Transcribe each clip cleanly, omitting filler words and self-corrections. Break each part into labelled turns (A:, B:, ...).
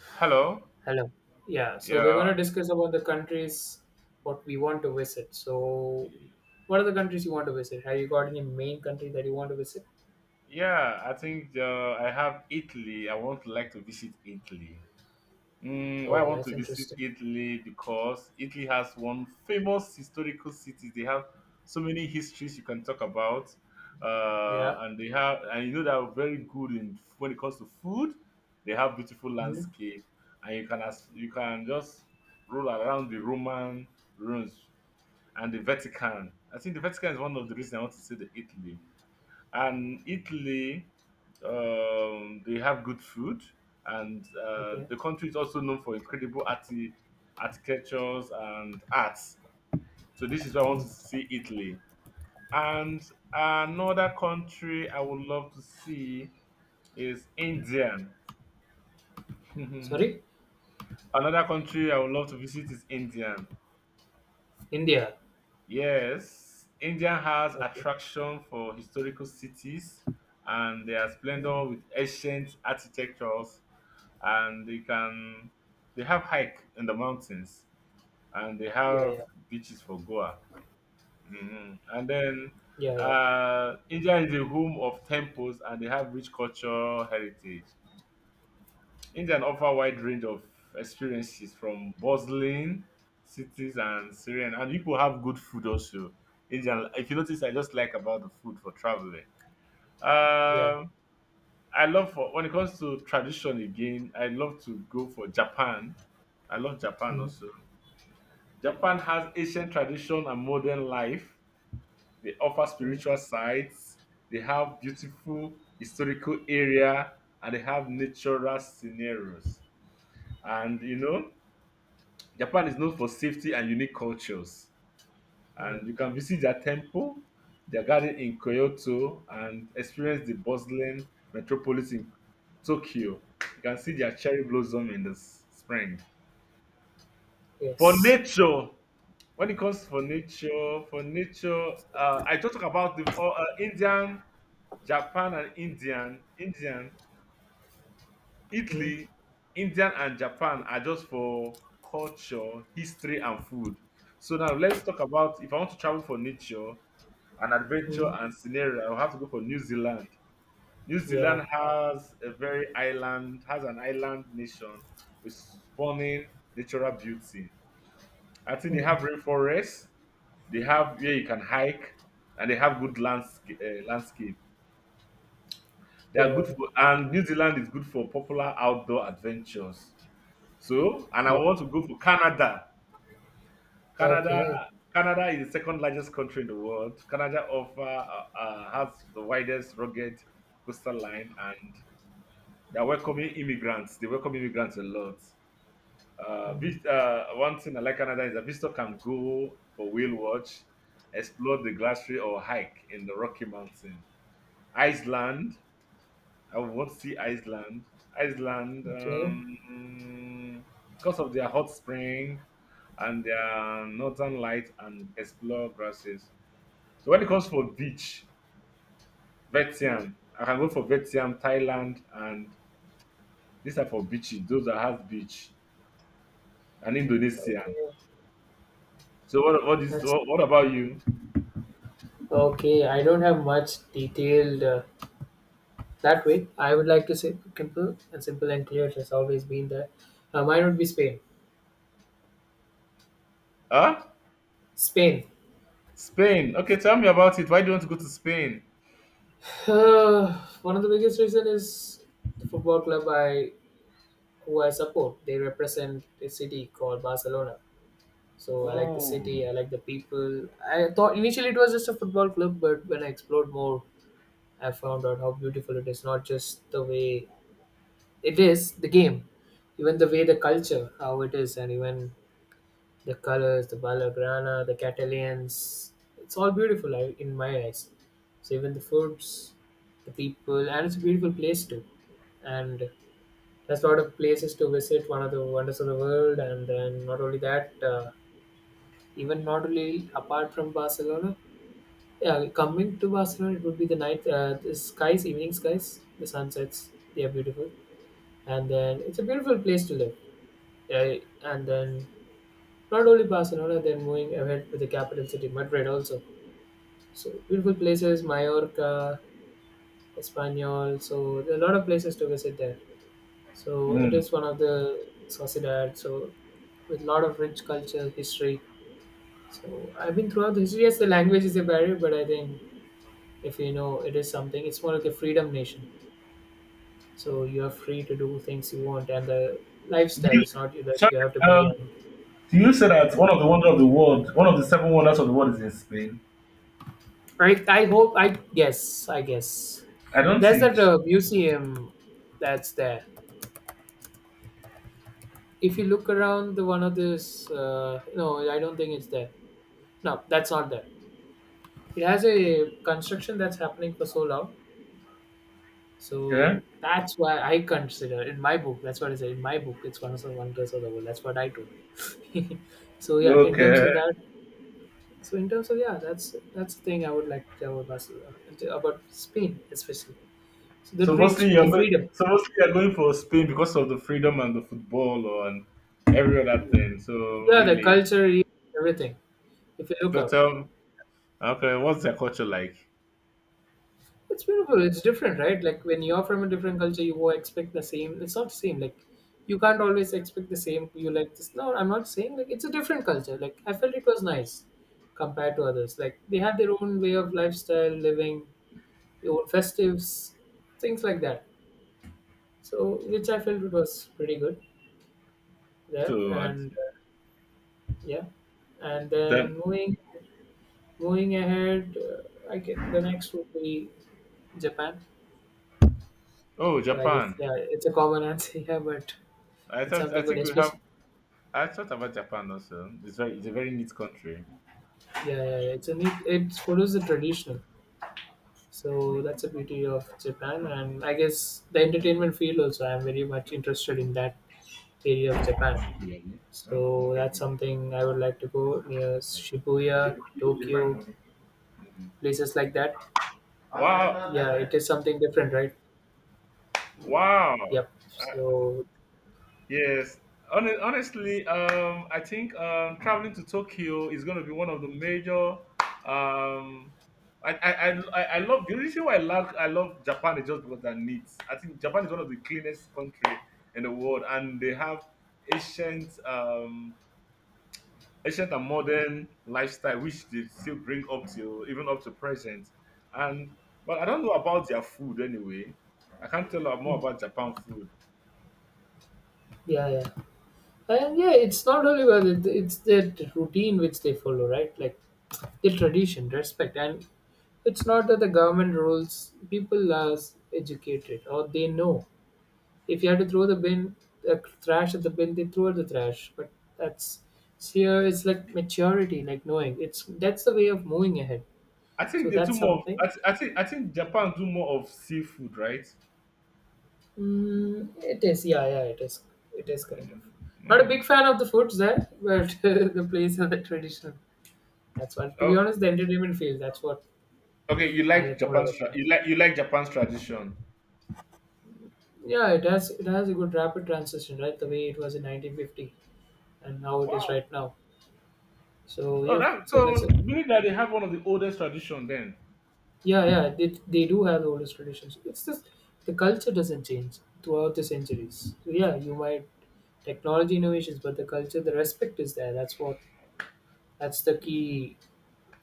A: Hello.
B: Hello. Yeah, so we're going
A: Yeah.
B: to discuss about the countries what we want to visit. So, what are the countries you want to visit? Have you got any main country that you want to visit?
A: I have Italy. I want to visit Italy. Mm, why I
B: Oh,
A: want
B: that's
A: to visit
B: interesting.
A: Italy? Because Italy has one famous historical city. They have so many histories you can talk about,
B: Yeah.
A: and they have and you know they are very good in when it comes to food. They have beautiful
B: Hmm.
A: landscape, and you can just roll around the Roman ruins and the Vatican. I think the Vatican is one of the reasons I want to see the Italy and Italy, they have good food, and
B: Okay.
A: the country is also known for incredible architectures and arts. So this is why I want
B: Mm.
A: to see Italy. And another country I would love to see is India. Another
B: Sorry,
A: country I would love to visit is India.
B: India.
A: Yes, India has
B: Okay.
A: attraction for historical cities and their
B: Yeah.
A: splendor with ancient architectures, and they have hike in the mountains, and they
B: Yeah. Yeah.
A: have beaches for Goa. Hmm, and then
B: Yeah. Yeah.
A: India is a home of temples and they have rich cultural heritage. India offer a wide range of experiences from bustling cities and serene, and people have good food also. India, if you notice, I just like about the food for traveling.
B: Yeah.
A: um I love for when it comes to tradition again, I love to go for Japan. I love Japan also.
B: Hmm.
A: Japan has ancient tradition and modern life. They offer
B: Hmm.
A: spiritual sites. They have beautiful historical area and they have natural scenarios. And you know, Japan is known for safety and unique cultures,
B: Yeah.
A: and you can visit their temple, their garden in Kyoto, and experience the bustling metropolis in Tokyo. You can see their cherry blossom in the spring. For
B: Yes.
A: nature, when it comes for nature, I don't talk about the Japan, and
B: Hmm.
A: Italy, Indian, and Japan are just for culture, history, and food. So now let's talk about if I want to travel for nature, an adventure
B: Hmm.
A: and scenario, I'll have to go for New Zealand. New
B: Yeah.
A: Zealand has a very island, has an island nation with stunning natural beauty. I think they have
B: Hmm.
A: rainforests, they have where you can hike, and they have good landscape. They are good
B: Yeah.
A: for, and New Zealand is good for popular outdoor adventures. So, and I
B: Yeah. Yeah.
A: want to go for Canada. Canada,
B: Okay.
A: Canada is the second largest country in the world. Canada offer has the widest rugged coastal line, and they're welcoming immigrants. They welcome immigrants a lot.
B: Hmm.
A: One thing I like Canada is a visitor can go for whale watch, explore the glacier or hike in the Rocky Mountain. Iceland. I would want to see Iceland. Iceland,
B: Okay.
A: because of their hot spring and their northern light and explore grasses. So when it comes for beach, Vietnam,
B: Hmm.
A: I can go for Vietnam, Thailand, and these are for beaches. Those that have beach and Indonesia.
B: Okay.
A: So what what is
B: That's
A: what, what about you?
B: Okay, I don't have much detailed that way. I would like to say simple and clear. Has always been there. Mine would be Spain.
A: Huh?
B: Spain.
A: Spain. Okay, tell me about it. Why do you want to go to Spain?
B: Uh, One of the biggest reason is the football club I who I support. They represent a city called Barcelona. So I like the city. I
A: Oh.
B: like the people. I thought initially it was just a football club, but when I explored more, I found out how beautiful it is. Not just the way it is, the game, even the way the culture, how it is, and even the colors, the Valgrana, the Catalans, it's all beautiful in my eyes. So even the foods, the people, and it's a beautiful place too. And there's a lot of places to visit, one of the wonders of the world. And then not only that, even not only apart from Barcelona, yeah, coming to Barcelona, it would be the night, the skies, evening skies, the sunsets, they are beautiful. And then it's a beautiful place to live. Yeah, and then not only Barcelona, then moving ahead with the capital city, Madrid also. So beautiful places, Mallorca, Espanyol. So there are a lot of places to visit there. So it
A: Mm.
B: is one of the sociedad. So with a lot of rich culture, history. So I've been throughout the history. Yes, the language is a barrier, but I think if you know it is something, it's more like a freedom nation. So you are free to do things you want, and the lifestyle
A: You,
B: is not you that
A: Sorry.
B: you have to be.
A: um, Do you say that one of the wonders of the world, one of the seven wonders of the world is in Spain?
B: Right? I hope. I guess. I guess.
A: I don't
B: There's
A: think
B: that
A: so.
B: museum that's there. If you look around the one of this, no, I don't think it's there. No, that's not there. It has a construction that's happening for so long,
A: Okay.
B: so that's why I consider in my book. That's what I said in my book. It's one of the wonders of the world. That's what I told. So yeah, in terms
A: Okay.
B: of that. So in terms of, yeah, that's the thing I would like to tell about Barcelona, about Spain especially. So the
A: So
B: reach, the freedom,
A: mostly you're going for Spain because of the freedom and the football or and every other thing. So
B: yeah, the
A: really,
B: culture, everything, if you look
A: but
B: out.
A: okay, what's their culture like?
B: It's beautiful. It's different, right? Like when you're from a different culture, you won't expect the same. It's not the same. Like you can't always expect the same. You like this. No, I'm not saying like it's a different culture. Like I felt it was nice compared to others. Like they have their own way of lifestyle, living, their own festives, things like that. So which I felt it was pretty good there.
A: So
B: And yeah, and
A: then,
B: then moving ahead, I guess the next would be Japan.
A: oh,
B: So I guess
A: Japan.
B: yeah, it's a common answer, here, but
A: I
B: it's
A: thought I
B: something good,
A: think we have.
B: especially.
A: I thought about Japan also. It's a very neat country.
B: Yeah, yeah, yeah. It's a neat. It follows the traditional,
A: Okay.
B: so that's the beauty of Japan, and I guess the entertainment field also. I'm very much interested in that area of Japan,
A: Okay.
B: so
A: Okay. Okay.
B: that's something I would like to go near Shibuya, Tokyo, places like that.
A: Wow.
B: Yeah, it is something different, right?
A: Wow. Wow.
B: Yep. So,
A: Yes. Honestly, I think traveling to Tokyo is going to be one of the major. Um, I love the reason why I love Japan is just because they're neat. I think Japan is one of the cleanest country in the world, and they have ancient um, ancient and modern lifestyle which they still bring up till even up to present, and but I don't know about their food anyway. I can't tell you more
B: mm,
A: about Japan food.
B: yeah, yeah, and yeah, it's not only about it. It's the routine which they follow, right? Like the tradition, respect, and it's not that the government rules, people are educated or they know. If you have to throw the bin, the trash at the bin, they throw at the trash. But that's it's here, it's like maturity, like knowing. It's That's the way of moving ahead.
A: I
B: So
A: think they do
B: that's
A: more of,
B: something.
A: I think Japan do more of seafood, right?
B: Mm, it is, yeah, yeah, it is. It is kind of. Not a big
A: Mm.
B: fan of the foods there, but the place and the tradition. That's what. To be
A: Oh,
B: honest, the entertainment field. That's what
A: okay, you
B: I
A: like
B: like more about Japan.
A: you like you like Japan's tradition.
B: Yeah, it has. It has a good rapid transition, right? The way it was in 1950 and how it is
A: Wow.
B: right now. So
A: Oh,
B: yeah,
A: that,
B: so that's
A: so
B: it.
A: meaning that they have one of the oldest tradition then.
B: Yeah, yeah, they do have the oldest traditions. It's just the culture doesn't change throughout the centuries. So yeah, you might technology innovations, but the culture, the respect is there. That's the key.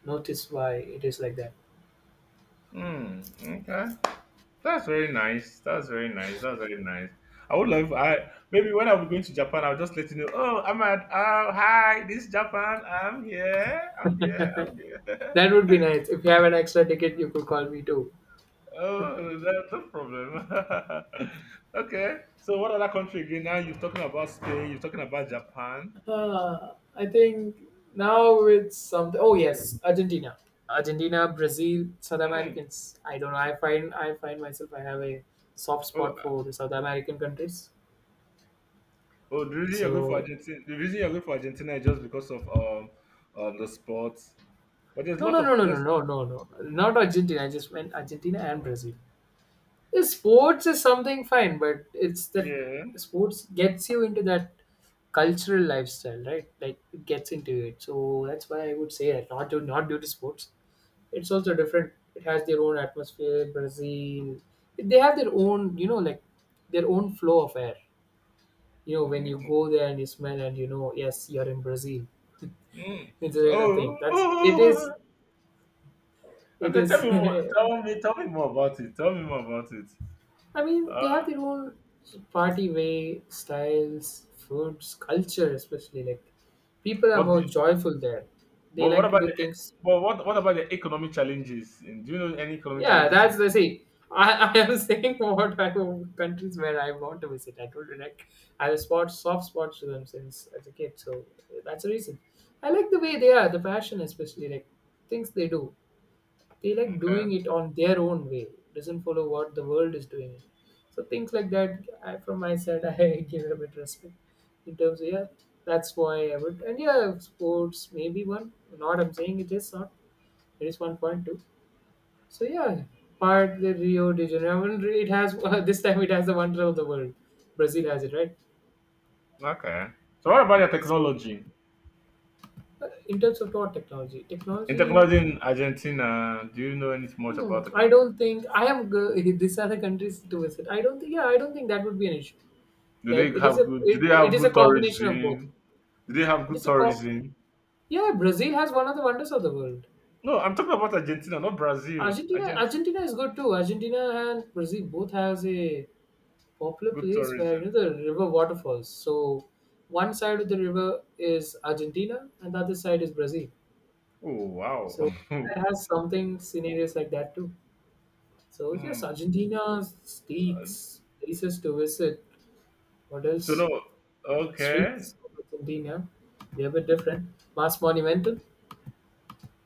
B: Notice why it is like that.
A: Mm, okay. That's very nice. That's very nice. That's very nice. I would love I maybe when I'm going to Japan, I'll just let you know. Oh, I'm at oh hi, this is Japan. I'm here. I'm here. I'm here.
B: That would be nice. If you have an extra ticket, you could call me too.
A: Oh, that's no problem. Okay. So what other country again? Now you're talking about Spain. You're talking about Japan.
B: I think now it's something. Oh yes, Argentina, Brazil, South
A: Hmm.
B: Americans. I don't know. I find myself. I have a soft
A: Oh,
B: spot for the South American countries.
A: oh, the reason you're going for
B: So
A: Argentina, is just because of the sports. But there's a
B: no,
A: lot
B: no,
A: of
B: no, no, no,
A: this.
B: no, no, no. Not Argentina. I just meant Argentina and Brazil. Yeah, sports is something fine, but it's that
A: Yeah.
B: sports gets you into that cultural lifestyle, right? Like it gets into it. So that's why I would say that not due to sports. It's also different. It has their own atmosphere. Brazil, they have their own, like their own flow of air. When you
A: Mm.
B: go there and you smell and, yes, you're in Brazil.
A: Mm.
B: It's a kind of thing that's
A: Oh,
B: it
A: Okay, tell
B: is.
A: me more. Tell me more about it. Tell me more about it.
B: I mean
A: Uh,
B: they have their own party way styles, foods, culture especially, like people are
A: but
B: more
A: the,
B: joyful there. They
A: but what
B: like to
A: about
B: do
A: the
B: things.
A: But what about the economic challenges? In, do you know any economic
B: Yeah,
A: challenges in
B: that's the
A: the,
B: see. I am saying countries where I want to visit. I told you like I have a spot soft spots to them since as a kid, so that's the reason. I like the way they are, the passion especially, like things they do. They like doing
A: okay,
B: it on their own way. Doesn't follow what the world is doing it. So things like that, from my side, I give a bit respect in terms of yeah. That's why I would and yeah, sports maybe one. Not I'm saying it is not. There is one point, too. So yeah, part the Rio de Janeiro. I mean, it has this time it has the wonder of the world. Brazil has it, right?
A: okay. So what about your
B: So
A: technology?
B: in terms of what technology,
A: In
B: technology.
A: technology in Argentina, do you know anything much
B: Hmm,
A: about the
B: I
A: country?
B: don't think I am. These are the countries to visit. I don't think. Yeah, I don't think that would be an issue.
A: Do
B: Like
A: they
B: it is a
A: have good? Do
B: it,
A: they
B: it
A: have
B: is a
A: good
B: combination of both.
A: tourism? Do they have
B: It
A: good
B: is a co-
A: tourism?
B: Yeah. Brazil has one of the wonders of the world.
A: No, I'm talking about Argentina, not Brazil. Argent
B: Argentina is good too. Argentina and Brazil both has a popular
A: good
B: place where,
A: tourism.
B: the river waterfalls. So one side of the river is Argentina and the other side is Brazil.
A: Oh wow.
B: So it has something scenarios like that too. So
A: Hmm.
B: yes, Argentina speaks places to visit. What
A: So
B: else?
A: no, okay.
B: Streets of Argentina. They're a bit different. Mas Monumental.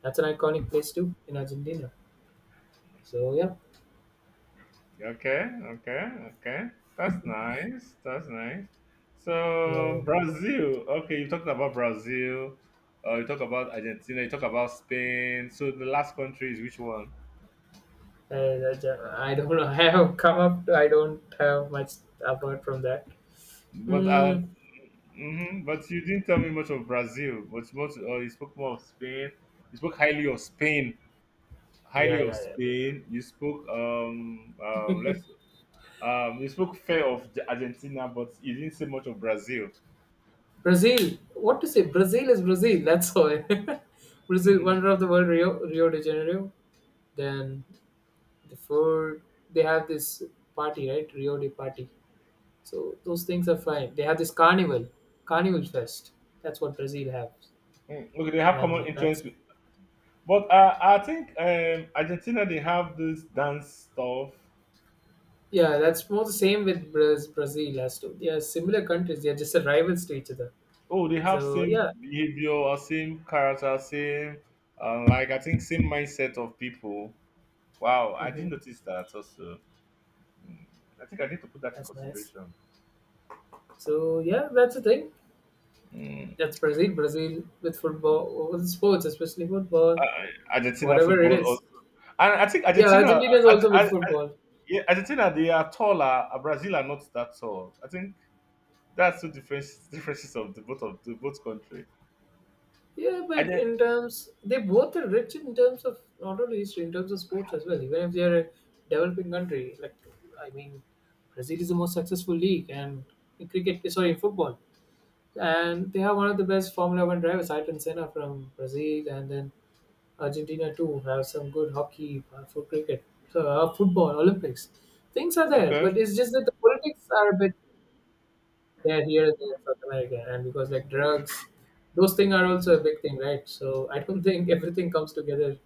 B: That's an iconic place too in Argentina. So yeah,
A: Okay, okay, okay. That's nice. That's nice.
B: yeah, yeah.
A: So Brazil. Okay, you talked about Brazil. You talk about Argentina. You talk about Spain. So the last country is which one?
B: I don't know. I have come up. I don't have much apart from that.
A: But
B: Hmm.
A: hmm, but you didn't tell me much of Brazil. But much, you spoke more of Spain. You spoke highly of Spain.
B: Yeah,
A: Highly of
B: yeah, yeah.
A: Spain. You spoke fair of Argentina, but you didn't say much of Brazil.
B: Brazil. What to say? Brazil is Brazil. That's all. Brazil,
A: Mm-hmm.
B: wonder of the world, Rio de Janeiro. Then the food. They have this party, right? Rio de Party. So those things are fine. They have this carnival fest. That's what Brazil has,
A: Mm. Okay, they have common
B: and that's
A: interests. But I think Argentina they have this dance stuff.
B: yeah, that's more the same with Brazil as to they are similar countries. They are just rivals to each other.
A: Oh, they have
B: So
A: same
B: yeah,
A: behavior or same character, same like I think same mindset of people. Wow, I didn't
B: hmm
A: notice that also. Mm, I think I need to put that in
B: that's nice.
A: consideration.
B: So yeah, that's the thing.
A: Mm.
B: That's Brazil. Brazil with football, with sports, especially football,
A: Argentina
B: whatever it
A: football
B: is.
A: also, and I think
B: Yeah,
A: Argentina,
B: Argentina is also with
A: I,
B: football.
A: yeah, Argentina they are taller. Brazil are not that tall. I think that's two differences of the both country.
B: Yeah,
A: I
B: but
A: just,
B: in terms, they both are rich in terms of not only history, in terms of sports as well. Even if they are a developing country, like I mean, Brazil is the most successful league and in cricket, sorry, in football, and they have one of the best Formula One drivers, Ayrton Senna from Brazil, and then Argentina too have some good hockey for cricket, so, football, Olympics. Things are there, but
A: okay,
B: it's just that the politics are a bit there here and there in South America, and because like drugs, those things are also a big thing, right? So I don't think everything comes together.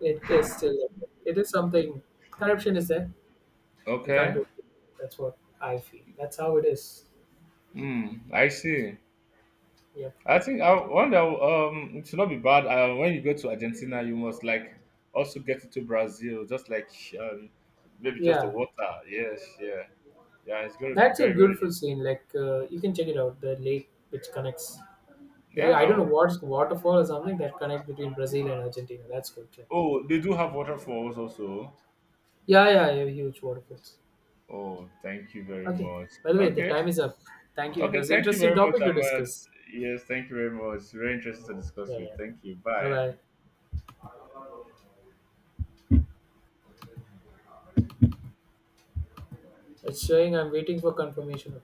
B: It is still it is something. Corruption is there. You can't
A: okay.
B: do it. That's what I feel. That's how it is.
A: Mm, I see.
B: Yep.
A: I think I wonder. It should not be bad. When you go to Argentina, you must like also get into Brazil, just like um, maybe just the
B: Yeah,
A: water. Yes, yeah, yeah. It's going to be
B: that's a
A: very.
B: beautiful scene. Like you can check it out. The lake which connects. I don't
A: Yeah.
B: know
A: Oh,
B: what's waterfall or something that connect between Brazil and Argentina. That's good. Yeah,
A: oh, they do have waterfalls also.
B: yeah, yeah, yeah, huge waterfalls.
A: Oh, thank you very
B: Okay.
A: much.
B: By the way, the
A: Okay,
B: time is up. Thank you. It
A: okay.
B: was
A: Thank you
B: interesting
A: very much,
B: topic to
A: Ahmad.
B: discuss.
A: Yes, thank you very much. Very interesting to discuss
B: Yeah, yeah,
A: with.
B: yeah.
A: Thank you.
B: Bye
A: Bye.
B: bye. It's showing I'm waiting for confirmation.